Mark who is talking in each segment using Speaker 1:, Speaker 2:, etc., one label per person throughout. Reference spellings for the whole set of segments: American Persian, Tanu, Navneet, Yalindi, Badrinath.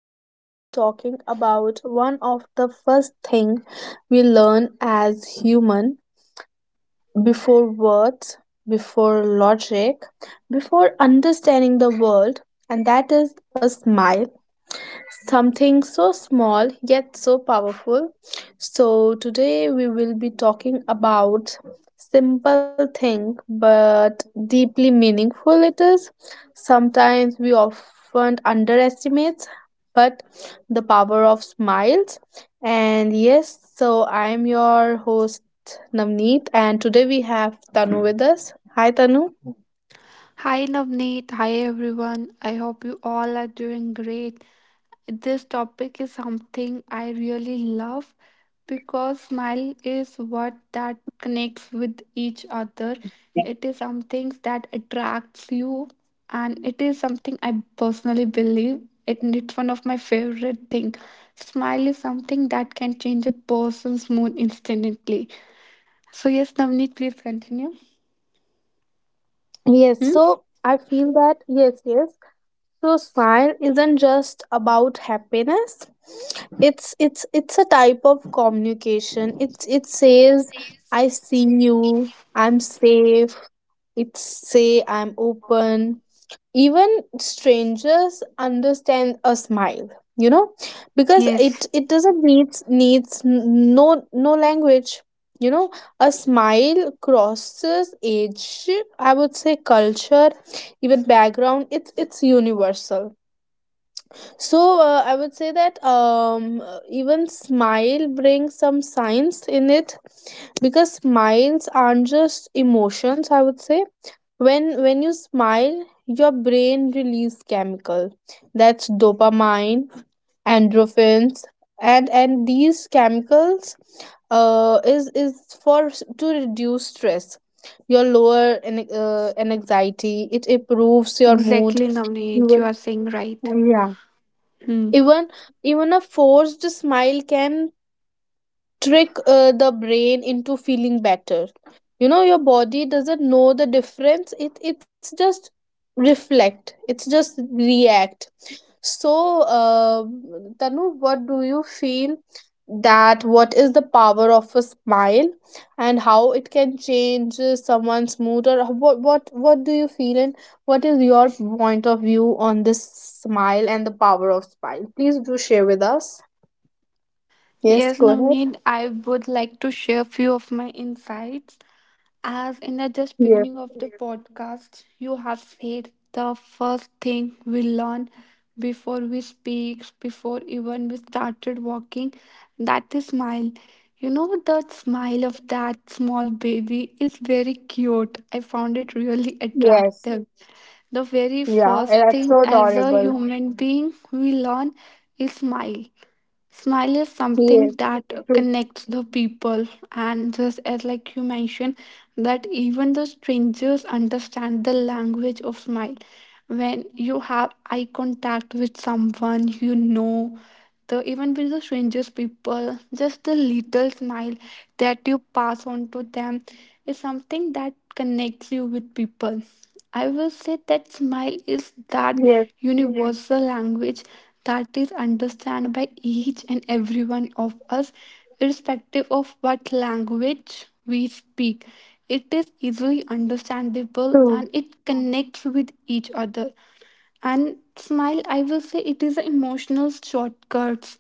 Speaker 1: we will be talking about one of the first thing we learn as human, before words, before logic, before understanding the world, and that is a smile. Something so small yet so powerful. So, today we will be talking about simple thing but deeply meaningful it is. Sometimes we often underestimate but the power of smiles. And yes, so I am your host Navneet, and today we have Tanu with us. Hi Tanu.
Speaker 2: Hi Navneet, hi everyone. I hope you all are doing great. This topic is something I really love because smile is what that connects with each other. It is something that attracts you and it is something I personally believe. It's one of my favorite thing. Smile is something that can change a person's mood instantly. So yes, Navneet, please continue.
Speaker 1: Yes,
Speaker 2: Hmm?
Speaker 1: so I feel that, yes, yes. So smile isn't just about happiness. It's a type of communication. It's, it says I see you, I'm safe. It's say I'm open, even strangers understand a smile, you know because
Speaker 2: Yes.
Speaker 1: it doesn't needs needs n- no no language. you know a smile crosses age, I would say culture, even background. It's universal. So I would say that, even smile brings some science in it, because smiles aren't just emotions, I would say. When you smile, your brain release chemical, that's dopamine, endorphins, and these chemicals to reduce stress. Your lower an anxiety. It improves your mood.
Speaker 2: Exactly,
Speaker 1: You
Speaker 2: Navneet. You
Speaker 1: will-
Speaker 2: are saying right.
Speaker 1: Yeah.
Speaker 2: Hmm.
Speaker 1: Even, even a forced smile can trick the brain into feeling better. You know, your body doesn't know the difference. It's just reflect, it's just react. So uh, Tanu, what do you feel, that what is the power of a smile, and how it can change someone's mood? Or what do you feel, and what is your point of view on this smile and the power of smile? Please do share with us. Yes,
Speaker 2: Yes,
Speaker 1: go ahead.
Speaker 2: Navneet, I would like to share few of my insights. As in the just
Speaker 1: Yes,
Speaker 2: beginning of the podcast, you have said the first thing we learn before we speak, before even we started walking, that is smile. You know, the smile of that small baby is very cute. I found it really
Speaker 1: yes,
Speaker 2: attractive. The very
Speaker 1: yeah, and
Speaker 2: first
Speaker 1: that's
Speaker 2: thing
Speaker 1: so
Speaker 2: as a
Speaker 1: adorable.
Speaker 2: human being we learn is smile. Smile is something
Speaker 1: Yes,
Speaker 2: that
Speaker 1: true.
Speaker 2: connects the people, and just as like you mentioned that even the strangers understand the language of smile. When you have eye contact with someone you know, the even with the strangest people, just the little smile that you pass on to them is something that connects you with people. I will say that smile is that
Speaker 1: Yes,
Speaker 2: universal language that is understood by each and every one of us. Irrespective of what language we speak, it is easily understandable and it
Speaker 1: true,
Speaker 2: connects with each other. And smile, I will say, it is an emotional shortcuts.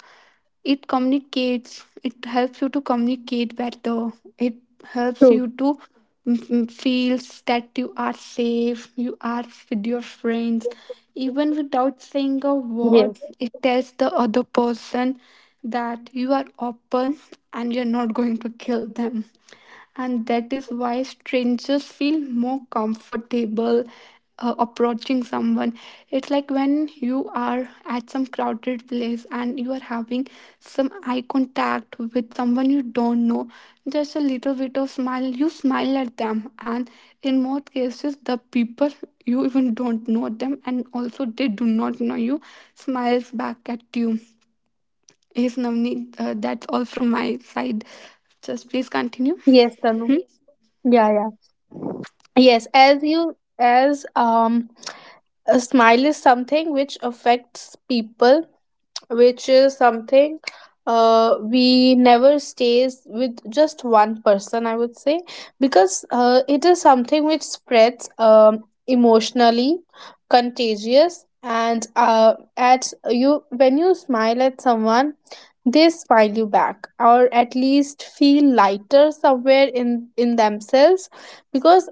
Speaker 2: It communicates, it helps you to communicate better. It helps
Speaker 1: true.
Speaker 2: you to feel that you are safe, you are with your friends. Even without saying a word, it
Speaker 1: Yes,
Speaker 2: tells the other person that you are open and you're not going to kill them, and that is why strangers feel more comfortable approaching someone. It's like when you are at some crowded place and you are having some eye contact with someone you don't know, just a little bit of smile, you smile at them, and in most cases the people, you even don't know them and also they do not know you, smiles back at you. Yes, Navneet, that's all from my side. Just please continue.
Speaker 1: yes, Tanu.
Speaker 2: Hmm?
Speaker 1: Yeah, yeah. Yes, as you as a smile is something which affects people, which is something we never stays with just one person, I would say, because it is something which spreads emotionally contagious. And at you, when you smile at someone, they smile you back, or at least feel lighter somewhere in themselves, because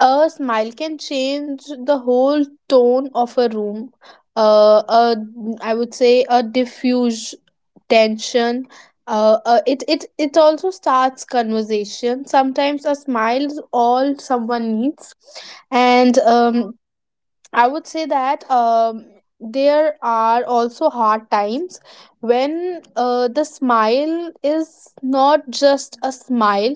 Speaker 1: a smile can change the whole tone of a room. uh, uh I would say a diffuse tension. It also starts conversation. Sometimes a smile is all someone needs. And I would say that, there are also hard times when the smile is not just a smile.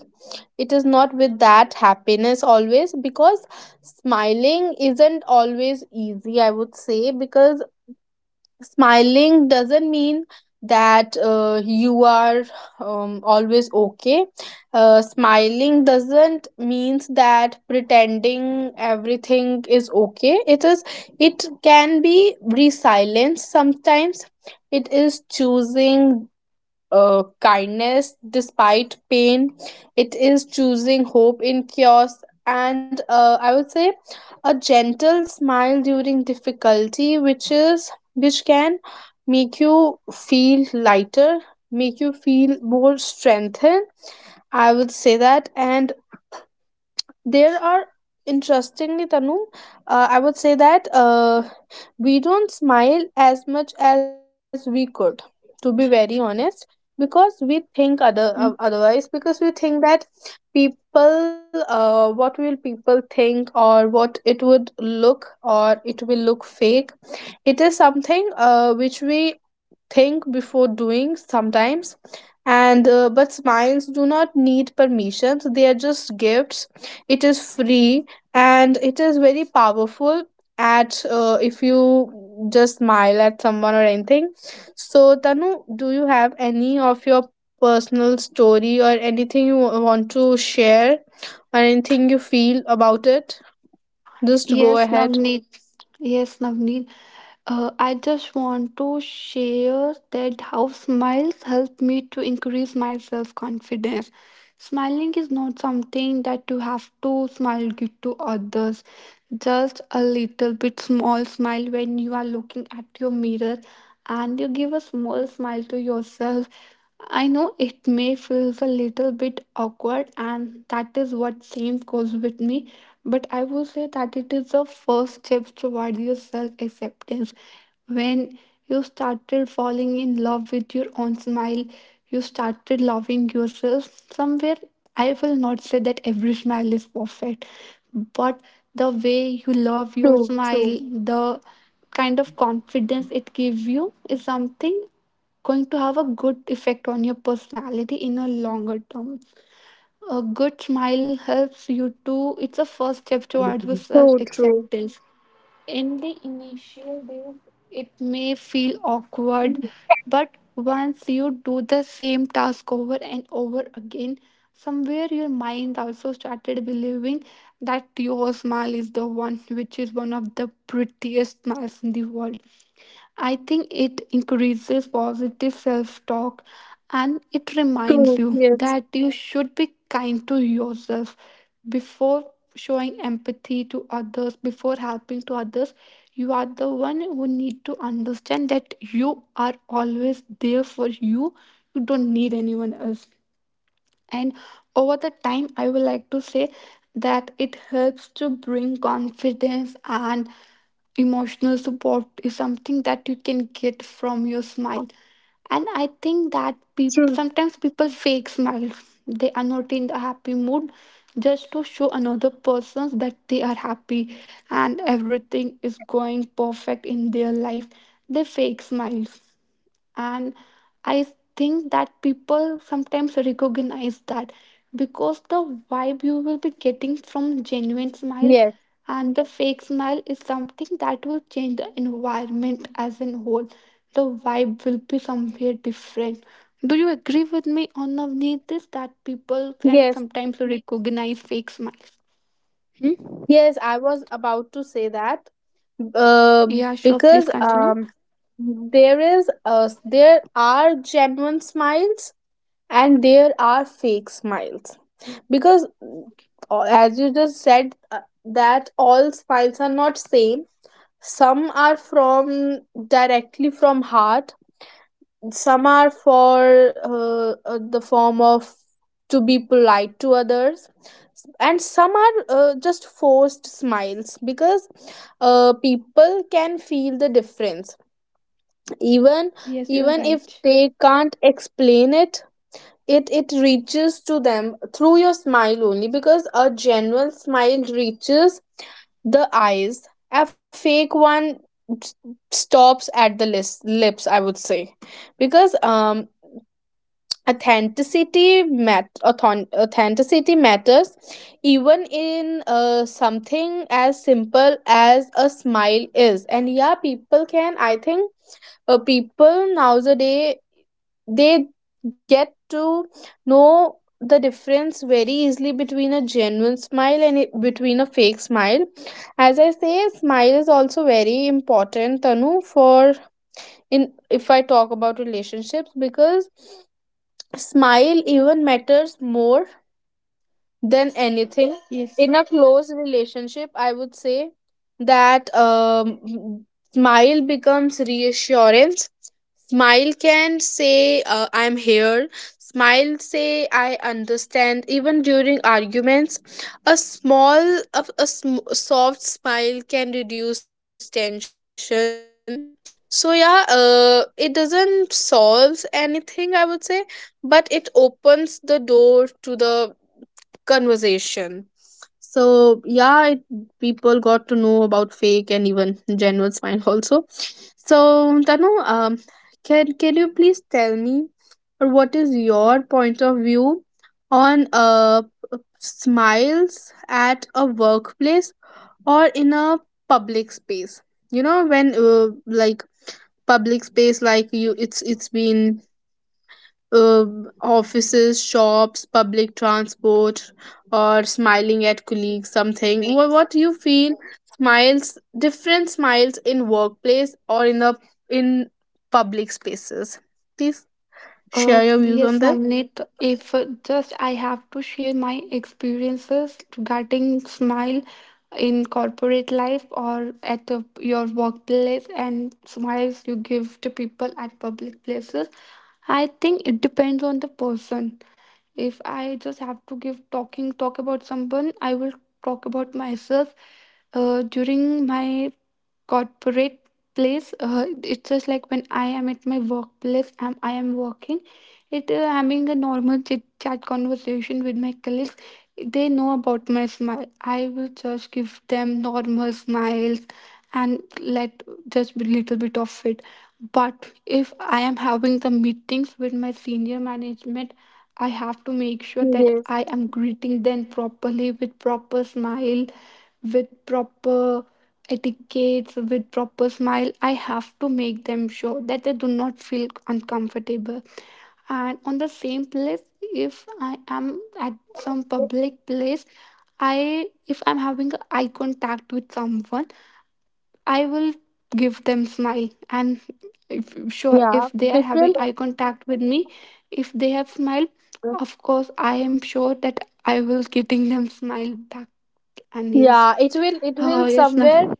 Speaker 1: It is not with that happiness always, because smiling isn't always easy, I would say, because smiling doesn't mean that you are, always okay. Smiling doesn't means that pretending everything is okay. It is, it can be resilience sometimes. It is choosing kindness despite pain. It is choosing hope in chaos. And I would say a gentle smile during difficulty, which is which can make you feel lighter, make you feel more strengthened. I would say that. And there are interestingly, Tanu, I would say that, we don't smile as much as we could, to be very honest, because we think
Speaker 2: Hmm?
Speaker 1: otherwise, because we think that people, what will people think, or what it would look, or it will look fake. It is something which we think before doing sometimes. And but smiles do not need permissions, they are just gifts. It is free, and it is very powerful at if you just smile at someone or anything. So, Tanu, do you have any of your personal story or anything you want to share, or anything you feel about it? Just go
Speaker 2: Yes,
Speaker 1: ahead.
Speaker 2: Navneet. Yes, Navneet. I just want to share that how smiles help me to increase my self confidence. Smiling is not something that you have to smile give to others. Just a little bit small smile when you are looking at your mirror and you give a small smile to yourself. I know it may feels a little bit awkward and that is what same goes with me, but I would say that it is the first step towards your self acceptance. When you started falling in love with your own smile, you started loving yourself. Somewhere, I will not say that every smile is perfect, but the way you love your
Speaker 1: True,
Speaker 2: smile,
Speaker 1: true.
Speaker 2: the kind of confidence it gives you is something going to have a good effect on your personality in a longer term. A good smile helps you to, it's a first step towards self
Speaker 1: So true.
Speaker 2: acceptance. In the initial days, it may feel awkward, but once you do the same task over and over again, somewhere your mind also started believing that your smile is the one which is one of the prettiest smiles in the world. I think it increases positive self talk and it reminds
Speaker 1: True.
Speaker 2: you
Speaker 1: Yes.
Speaker 2: that you should be kind to yourself before showing empathy to others, before helping to others. You are the one who need to understand that you are always there for you. You don't need anyone else, and over the time I would like to say that it helps to bring confidence, and emotional support is something that you can get from your smile. And I think that peop
Speaker 1: True.
Speaker 2: sometimes people fake smiles. They are not in the happy mood, just to show another person that they are happy and everything is going perfect in their life, they fake smiles. And I think that people sometimes recognize that, because the vibe you will be getting from genuine smile
Speaker 1: Yes.
Speaker 2: and the fake smile is something that will change the environment as a whole. The vibe will be somewhere different. Do you agree with me on, Navneet, this, that people can
Speaker 1: Yes.
Speaker 2: sometimes recognize fake smiles? Hmm?
Speaker 1: Yes. I was about to say that. Uh,
Speaker 2: Yeah, sure,
Speaker 1: because,
Speaker 2: please continue.
Speaker 1: there is there are genuine smiles and there are fake smiles. Because as you just said, that all smiles are not same. Some are from directly from heart, some are for, the form of, to be polite to others, and some are just forced smiles, because people can feel the difference, even,
Speaker 2: Yes, you are
Speaker 1: even if
Speaker 2: right.
Speaker 1: they can't explain it. It reaches to them through your smile only, because a genuine smile reaches the eyes, a fake one s- stops at the lips, I would say, because authenticity matters, even in something as simple as a smile is. And yeah, people can, I think, people nowadays, they get to know the difference very easily between a genuine smile and between a fake smile. As I say, smile is also very important, Tanu, for, in, if I talk about relationships, because smile even matters more than anything.
Speaker 2: Yes.
Speaker 1: In a close relationship, I would say that, smile becomes reassurance. Smile can say, I'm here. Smile say, I understand. Even during arguments, a small, a sm- soft smile can reduce tension. So, yeah, it doesn't solve anything, I would say, but it opens the door to the conversation. So, yeah, it, people got to know about fake and even genuine smile also. So, Tanu, can you please tell me, or what is your point of view on smiles at a workplace or in a public space? You know when, like, public space, like you, it's been, uh, offices, shops, public transport, or smiling at colleagues, something. What you feel? Smiles, different smiles in workplace, or in the, in public spaces. Please share your views
Speaker 2: Yes,
Speaker 1: on this.
Speaker 2: Namnit, if just I have to share my experiences regarding smile in corporate life or at the, your workplace, and smiles you give to
Speaker 1: Yes,
Speaker 2: people at public places, I think it depends on the person. If I just have to give talk about someone, I will talk about myself during my corporate place. Uh, it's just like when I am at my workplace, am I am working, it having a normal chit chat conversation with my colleagues, they know about my smile, I will just give them normal smiles, and let just a little bit of it. But if I am having the meetings with my senior management, I have to make sure that
Speaker 1: yes,
Speaker 2: I am greeting them properly with proper smile, with proper etiquettes, with proper smile. I have to make them sure that they do not feel uncomfortable. And on the same place, if I am at some public place, I if I'm having eye contact with someone, I will give them smile. And if, sure,
Speaker 1: yeah,
Speaker 2: if they are
Speaker 1: different.
Speaker 2: having eye contact with me, if they have smile, of course I am sure that I will giving them smile back. And yes.
Speaker 1: Yeah, it
Speaker 2: Oh
Speaker 1: will
Speaker 2: yes, no.
Speaker 1: somewhere,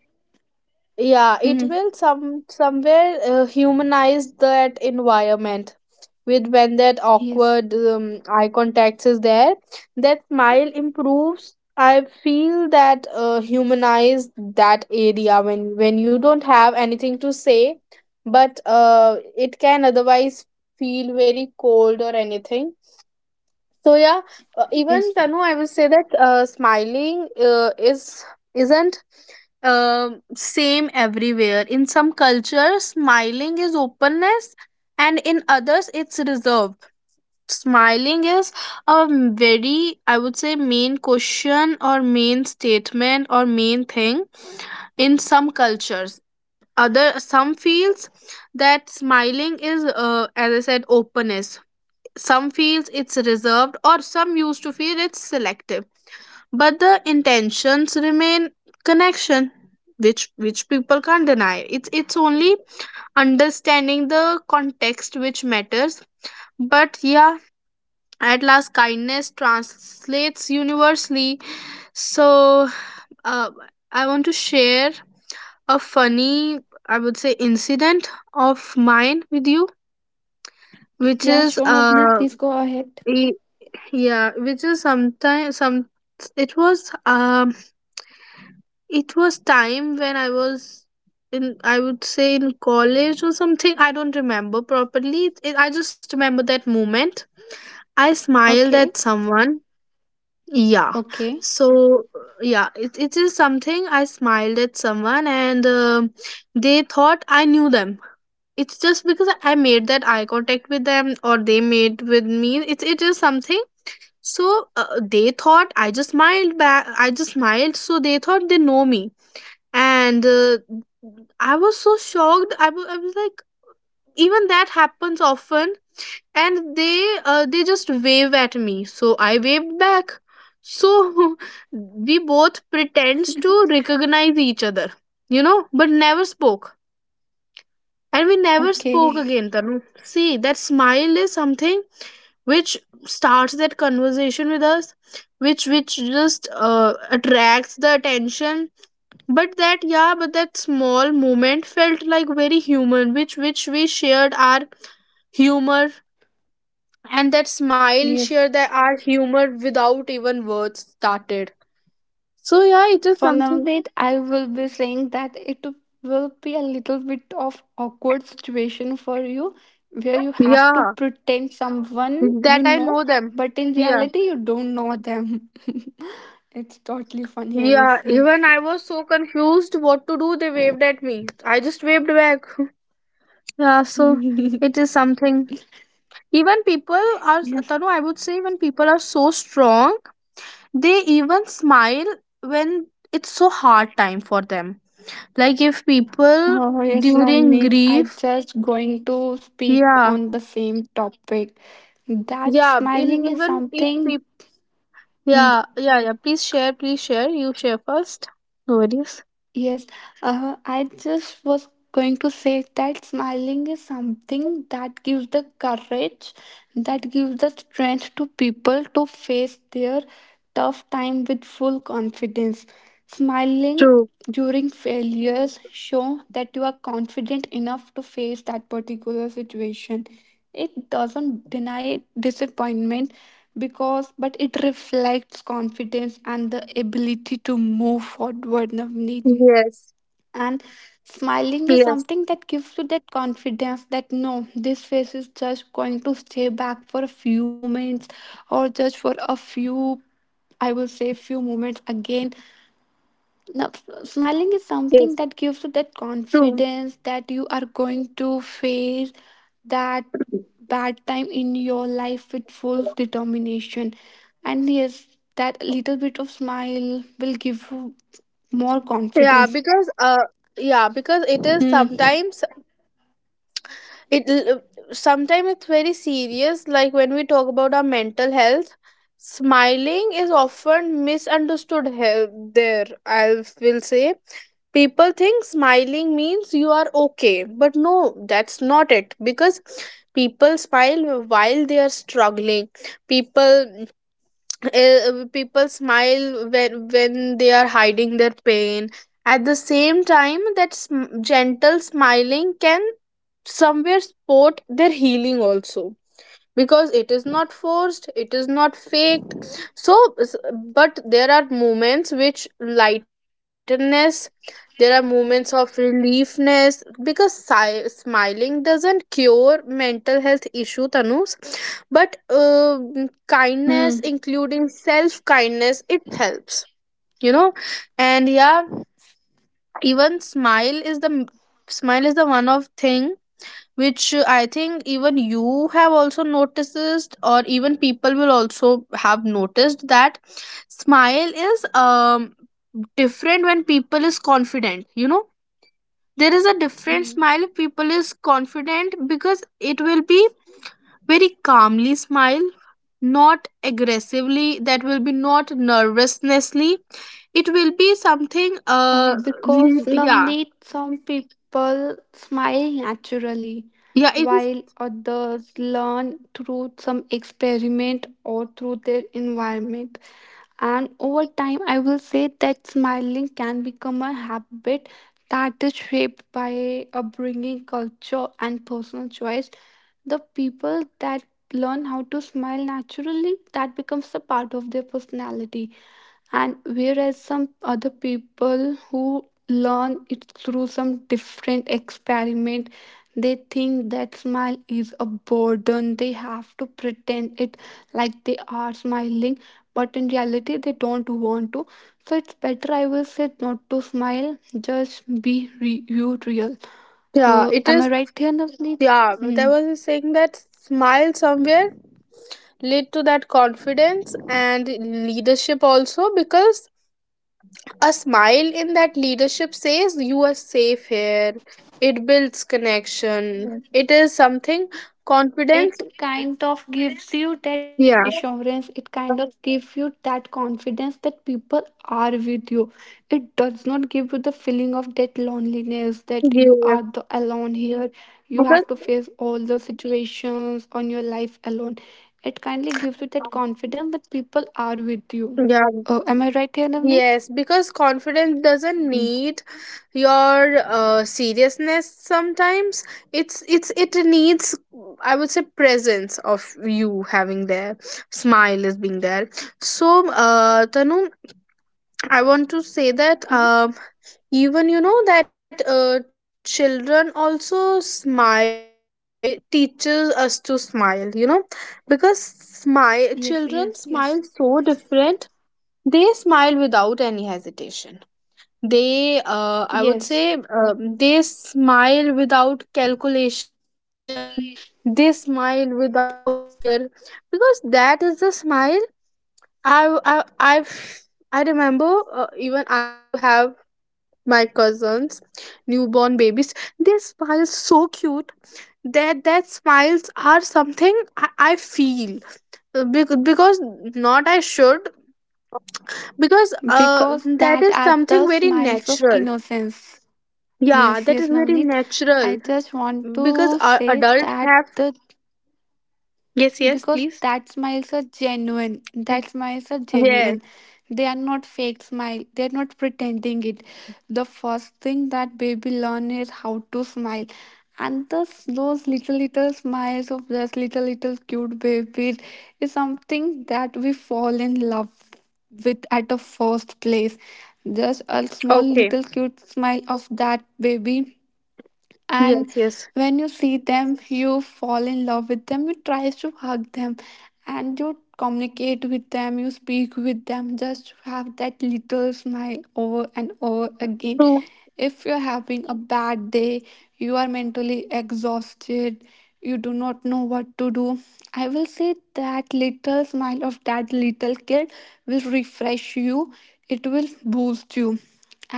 Speaker 1: yeah it
Speaker 2: Hmm.
Speaker 1: will some somewhere humanize that environment, with when that
Speaker 2: Yes.
Speaker 1: awkward eye contacts is there, that smile improves. I feel that humanize that area, when you don't have anything to say, but it can otherwise feel very cold or anything. So yeah, even
Speaker 2: Yes.
Speaker 1: Tanu, I would say that smiling is isn't same everywhere. In some cultures, smiling is openness, and in others, it's reserved. Smiling is a very, I would say, main question, or main statement, or main thing in some cultures. Other some feels that smiling is, as I said, openness, some feels it's reserved, or some used to feel it's selective. But the intentions remain connection, which people can't deny. It's only understanding the context which matters. But yeah, at last kindness translates universally. So uh, I want to share a funny, I would say, incident of mine with you, which
Speaker 2: Yeah,
Speaker 1: is
Speaker 2: sure, Navneet, please go ahead.
Speaker 1: yeah, which is sometimes some, it was, it was time when I was in, I would say in college or something, I don't remember properly it, I just remember that moment, I smiled
Speaker 2: Okay,
Speaker 1: at someone. Yeah,
Speaker 2: okay,
Speaker 1: so yeah it is something. I smiled at someone, and they thought I knew them. It's just because I made that eye contact with them, or they made with me, it is something. So they thought I just smiled back. I just smiled, so they thought they know me. And I was so shocked. I was like, even that happens often. And they, they just wave at me, so I waved back. So we both pretends to recognize each other, you know, but never spoke. And we never spoke
Speaker 2: okay.
Speaker 1: again, Tanu. See, that smile is something which starts that conversation with us, which just attracts the attention. But that, yeah, but that small moment felt like very human, which we shared our humor, and that smile
Speaker 2: Yes.
Speaker 1: shared that our humor without even words started. So yeah, it is
Speaker 2: For
Speaker 1: something.
Speaker 2: Navneet, I will be saying that it will be a little bit of awkward situation for you where you have to
Speaker 1: Yeah,
Speaker 2: pretend someone
Speaker 1: that
Speaker 2: you
Speaker 1: I know
Speaker 2: know,
Speaker 1: them.
Speaker 2: but in
Speaker 1: Yeah.
Speaker 2: reality you don't know them. It's
Speaker 1: Yeah,
Speaker 2: totally
Speaker 1: even I
Speaker 2: funny, I
Speaker 1: was
Speaker 2: will
Speaker 1: so
Speaker 2: say.
Speaker 1: confused what to do. They waved at me. I just waved back. Yeah, so it is something. Even people are, Tanu, I
Speaker 2: Yes.
Speaker 1: would say, when people are so strong, they even smile when it's so hard time for them. Like if people,
Speaker 2: Oh, yes,
Speaker 1: during
Speaker 2: Navneet. I
Speaker 1: grief,
Speaker 2: just going to speak
Speaker 1: yeah,
Speaker 2: on the same topic. That
Speaker 1: yeah, in
Speaker 2: smiling is
Speaker 1: even if
Speaker 2: something.
Speaker 1: people, yeah, yeah, yeah. Please share, please share. You share first. No worries.
Speaker 2: Yes, I just was going to say that smiling is something that gives the courage, that gives the strength to people to face their tough time with full confidence. Smiling
Speaker 1: True.
Speaker 2: during failures show that you are confident enough to face that particular situation. It doesn't deny disappointment, because but it reflects confidence and the ability to move forward, Navneet.
Speaker 1: Yes.
Speaker 2: And
Speaker 1: Yes.
Speaker 2: smiling is something that gives you that confidence that no, this face is just going to stay back for a few moments, or just for a few, I will say, few moments again. Now, smiling is
Speaker 1: Yes.
Speaker 2: something that gives you that
Speaker 1: True.
Speaker 2: confidence that you are going to face that bad time in your life with full determination. And yes, that little bit of smile will give you more
Speaker 1: yeah
Speaker 2: confidence.
Speaker 1: because uh yeah because it is sometimes it l- Sometimes it's very serious, like when we talk about our mental health. Smiling is often misunderstood. There, I will say, people think smiling means you are okay, but no, that's not it, because people smile while they are struggling. people People smile when they are hiding their pain. At the same time, that gentle smiling can somewhere support their healing also, because it is not forced, it is not faked. so s- but there are moments which lightness, there are moments of reliefness, because smiling doesn't cure mental health issue, Tanus, but kindness,
Speaker 2: Hmm.
Speaker 1: including self kindness, it helps, you know. And yeah, even smile is the one of thing which, I think, even you have also noticed, or even people will also have noticed, that smile is different when people is confident, you know. There is a different
Speaker 2: Mhm.
Speaker 1: smile if people is confident, because it will be very calmly smile, not aggressively, that will be not nervousnessly. It will be something,
Speaker 2: Uh, because
Speaker 1: yeah.
Speaker 2: Navneet, some people smile naturally,
Speaker 1: Yeah, it is.
Speaker 2: while others learn through some experiment or through their environment. And over time, I will say that smiling can become a habit that is shaped by upbringing, culture, and personal choice. The people that learn how to smile naturally, that becomes a part of their personality, and whereas some other people who learn it through some different experiment, they think that smile is a burden, they have to pretend it, like they are smiling but in reality they don't want to. So it's better, I will say, not to smile, just be you real.
Speaker 1: Yeah,
Speaker 2: Uh,
Speaker 1: it
Speaker 2: am
Speaker 1: is.
Speaker 2: I right here, Navneet?
Speaker 1: Yeah, but I
Speaker 2: Hmm.
Speaker 1: was saying that smile somewhere lead to that confidence and leadership also, because a smile in that leadership says you are safe here. It builds connection. It is something, confidence.
Speaker 2: It kind of gives you that
Speaker 1: Yeah.
Speaker 2: reassurance, it kind of gives you that confidence that people are with you. It does not give you the feeling of that loneliness that you
Speaker 1: Yeah.
Speaker 2: are the alone here, you
Speaker 1: Because.
Speaker 2: have to face all the situations on your life alone. It kindly gives you that confidence that people are with you.
Speaker 1: Yeah.
Speaker 2: Oh, am I right here, Navneet?
Speaker 1: Yes, because confidence doesn't
Speaker 2: Hmm?
Speaker 1: need your seriousness sometimes. It needs, I would say, presence of you having there. Smile is being there. So, uh, Tanu, I want to say that, even you know that, children also smile teaches us to smile, you know, because
Speaker 2: Yes, yes,
Speaker 1: smile
Speaker 2: yes.
Speaker 1: so different. They smile without any hesitation. They, I would
Speaker 2: Yes,
Speaker 1: say, they smile without calculation. They smile without fear, because that is the smile. I, I, I've, I remember, even I do have my cousins, newborn babies. They smile so cute. That smiles are something I feel, because, not I should because
Speaker 2: because that
Speaker 1: that is
Speaker 2: are the
Speaker 1: something very
Speaker 2: smiles of
Speaker 1: natural.
Speaker 2: innocence.
Speaker 1: Yeah,
Speaker 2: Yes,
Speaker 1: that is
Speaker 2: yes,
Speaker 1: very
Speaker 2: Navneet. I
Speaker 1: natural.
Speaker 2: just want
Speaker 1: Because,
Speaker 2: to say
Speaker 1: adults
Speaker 2: that,
Speaker 1: have.
Speaker 2: the
Speaker 1: Yes, yes,
Speaker 2: because
Speaker 1: please.
Speaker 2: that smiles are genuine. That smiles are
Speaker 1: Yes.
Speaker 2: genuine. They are not fake smile. They are not pretending it. The first thing that baby learn is how to smile. And thus those little little smiles of those little little cute babies is something that we fall in love with at the first place. Just a small
Speaker 1: Okay.
Speaker 2: little cute smile of that baby, and
Speaker 1: Yes. Yes,
Speaker 2: when you see them you fall in love with them, you try to hug them and you communicate with them, you speak with them, just have that little smile over and over again.
Speaker 1: true.
Speaker 2: If you're having a bad day, you are mentally exhausted, you do not know what to do, I will say that little smile of that little kid will refresh you, it will boost you.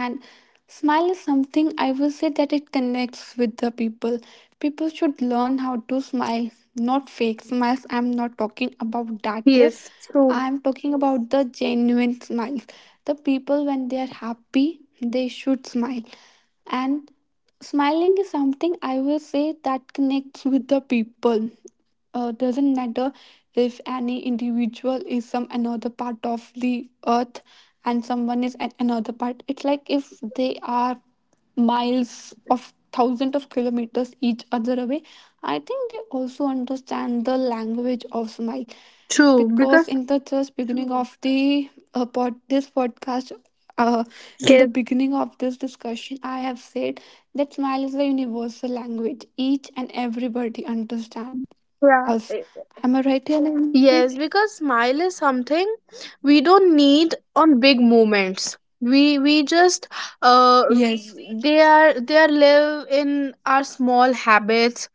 Speaker 2: And smile is something, I will say, that it connects with the people. People should learn how to smile, not fake smiles, I'm not talking about that here,
Speaker 1: Yes. True.
Speaker 2: I'm talking about the genuine smiles. The people when they are happy, they should smile. And smiling is something, I will say, that connects with the people. Doesn't matter if any individual is some another part of the earth and someone is at another part, it's like if they are miles of thousands of kilometers each other away, I think they also understand the language of smile.
Speaker 1: True,
Speaker 2: Because
Speaker 1: because.
Speaker 2: in the just beginning of the this podcast, uh, in the
Speaker 1: Yes.
Speaker 2: beginning of this discussion I have said that smile is the universal language each and everybody understand
Speaker 1: Yeah.
Speaker 2: us.
Speaker 1: eh,
Speaker 2: Am I right, Yalindi?
Speaker 1: yes, because smile is something we don't need on big moments. We just uh
Speaker 2: Yes,
Speaker 1: they are, they are live in our small habits.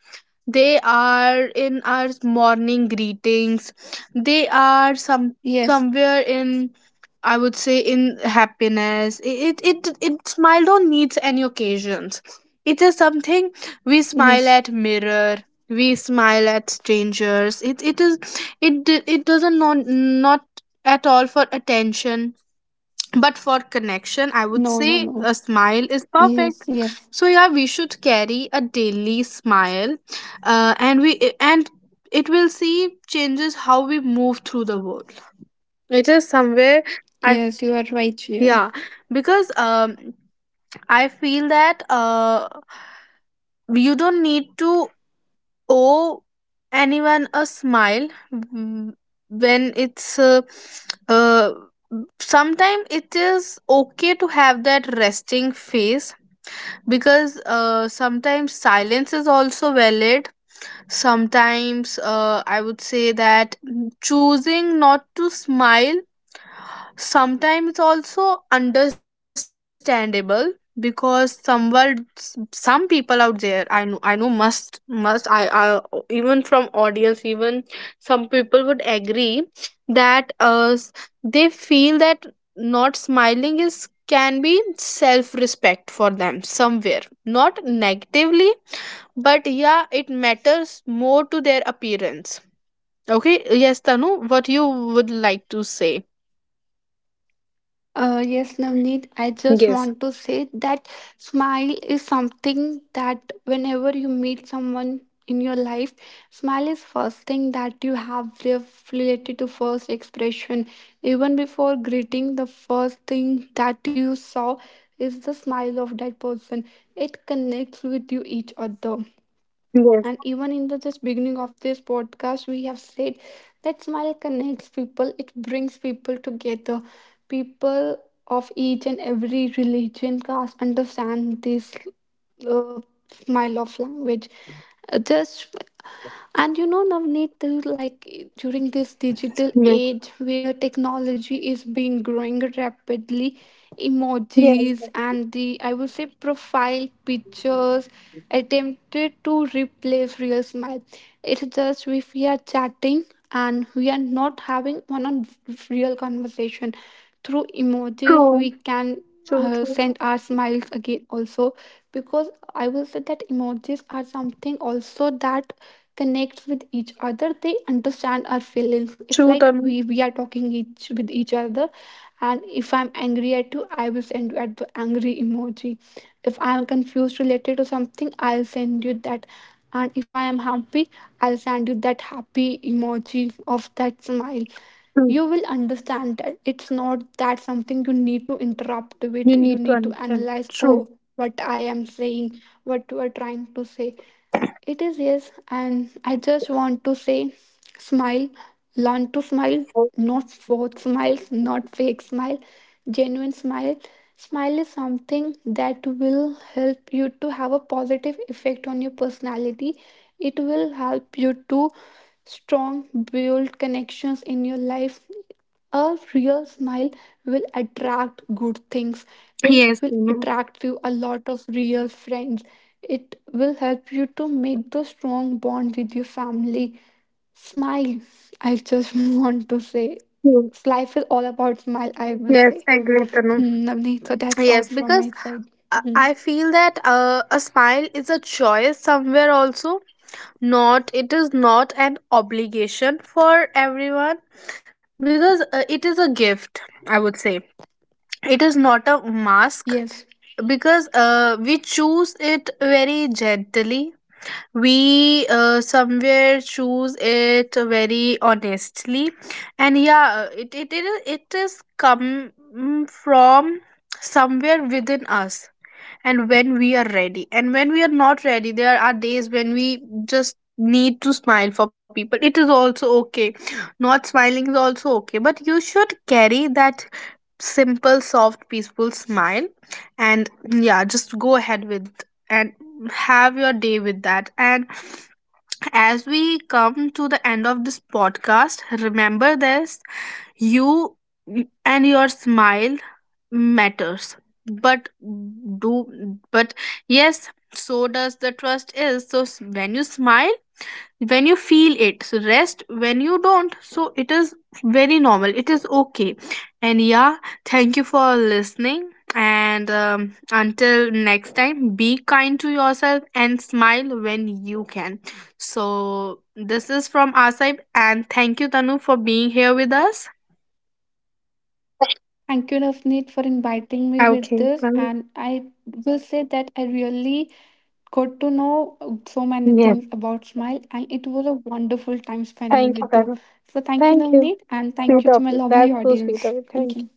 Speaker 1: They are in our morning greetings. They are some,
Speaker 2: yes,
Speaker 1: somewhere in, I would say, in happiness. It Smile don't needs any occasions. It is something. We smile
Speaker 2: yes.
Speaker 1: at mirror. We smile at strangers. It is it it doesn't, not at all for attention, but for connection. I would
Speaker 2: No, no,
Speaker 1: say
Speaker 2: no.
Speaker 1: a smile is
Speaker 2: Yes,
Speaker 1: perfect.
Speaker 2: yes,
Speaker 1: So yeah, we should carry a daily smile, and we and it will see changes how we move through the world. It is somewhere. I,
Speaker 2: yes. You are right here.
Speaker 1: yeah, because, I feel that, you don't need to owe anyone a smile. When it's, uh, sometimes it is okay to have that resting face, because, sometimes silence is also valid. Sometimes, I would say that choosing not to smile sometimes, it's also understandable, because someone, some people out there, I know must I even from audience, even some people would agree that, they feel that not smiling is can be self respect for them somewhere, not negatively, but yeah, it matters more to their appearance. Okay, yes, Tanu, what you would like to say.
Speaker 2: Yes, Navneet, I just
Speaker 1: Yes.
Speaker 2: want to say that smile is something that whenever you meet someone in your life, smile is first thing that you have related to first expression. Even before greeting, the first thing that you saw is the smile of that person. It connects with you each other.
Speaker 1: Yes.
Speaker 2: And even in the just beginning of this podcast, we have said that smile connects people, it brings people together. People of each and every religion caste understand this uh, smile of language. Just And you know, Navneet, too, like during this digital age where technology is being growing rapidly,
Speaker 1: Yeah,
Speaker 2: emojis and the, I would say, profile pictures attempted to replace real smile. It's just if we are chatting and we are not having one on real conversation, through emojis we
Speaker 1: true,
Speaker 2: can
Speaker 1: true, true,
Speaker 2: send our smiles again also, because I will say that emojis are something also that connects with each other, they understand our feelings. If
Speaker 1: true,
Speaker 2: like we
Speaker 1: Tanu,
Speaker 2: we are talking each with each other, and if I'm angry at you I will send you at the angry emoji, if I am confused related to something I'll send you that, and if I am happy I'll send you that happy emoji of that smile.
Speaker 1: true.
Speaker 2: You will understand that, it's not that something you need to interrupt with,
Speaker 1: You
Speaker 2: you
Speaker 1: need to
Speaker 2: need to
Speaker 1: understand.
Speaker 2: analyze oh
Speaker 1: True.
Speaker 2: what I am saying, what you are trying to say. It is, yes, and I just want to say, smile. Learn to smile, not forced smiles, not fake smile, genuine smile. Smile is something that will help you to have a positive effect on your personality. It will help you to strong, build connections in your life. A real smile will attract good things. It
Speaker 1: Yes,
Speaker 2: will
Speaker 1: Tanu.
Speaker 2: attract you a lot of real friends. It will help you to make the strong bond with your family. Smile. I just want to say,
Speaker 1: True.
Speaker 2: life is all about smile, I will
Speaker 1: Yes,
Speaker 2: say.
Speaker 1: I agree, Tanu.
Speaker 2: Hmm, Navneet. So that's all
Speaker 1: Yes,
Speaker 2: from
Speaker 1: because
Speaker 2: my side.
Speaker 1: I
Speaker 2: Hmm.
Speaker 1: I feel that, a smile is a choice somewhere also. Not, it is not an obligation for everyone, because, it is a gift, I would say. It is not a mask,
Speaker 2: Yes.
Speaker 1: because, we choose it very gently, we, somewhere choose it very honestly, and yeah, it is come from somewhere within us. And when we are ready and when we are not ready, there are days when we just need to smile for people, it is also okay. Not smiling is also okay, but you should carry that simple, soft, peaceful smile, and yeah, just go ahead with, and have your day with that. And as we come to the end of this podcast, remember this: you and your smile matters, but, do but yes, so does the trust is so, when you smile, when you feel it, so rest when you don't, so it is very normal, it is okay. And yeah, thank you for listening. And, until next time, be kind to yourself and smile when you can. So this is from Asib, and thank you, Tanu, for being here with us.
Speaker 2: Thank you, Navneet, for inviting me with
Speaker 1: Okay.
Speaker 2: this.
Speaker 1: Well,
Speaker 2: And I will say that I really got to know so many
Speaker 1: yes.
Speaker 2: things about smile, and it was a wonderful time spending
Speaker 1: Thank you,
Speaker 2: with you.
Speaker 1: Tanu.
Speaker 2: So, thank you,
Speaker 1: Thank you.
Speaker 2: Navneet, and thank
Speaker 1: Sweet
Speaker 2: you to
Speaker 1: of
Speaker 2: my
Speaker 1: you.
Speaker 2: lovely
Speaker 1: That's so sweet
Speaker 2: audience.
Speaker 1: of you.
Speaker 2: Thank
Speaker 1: Thank
Speaker 2: you.
Speaker 1: you.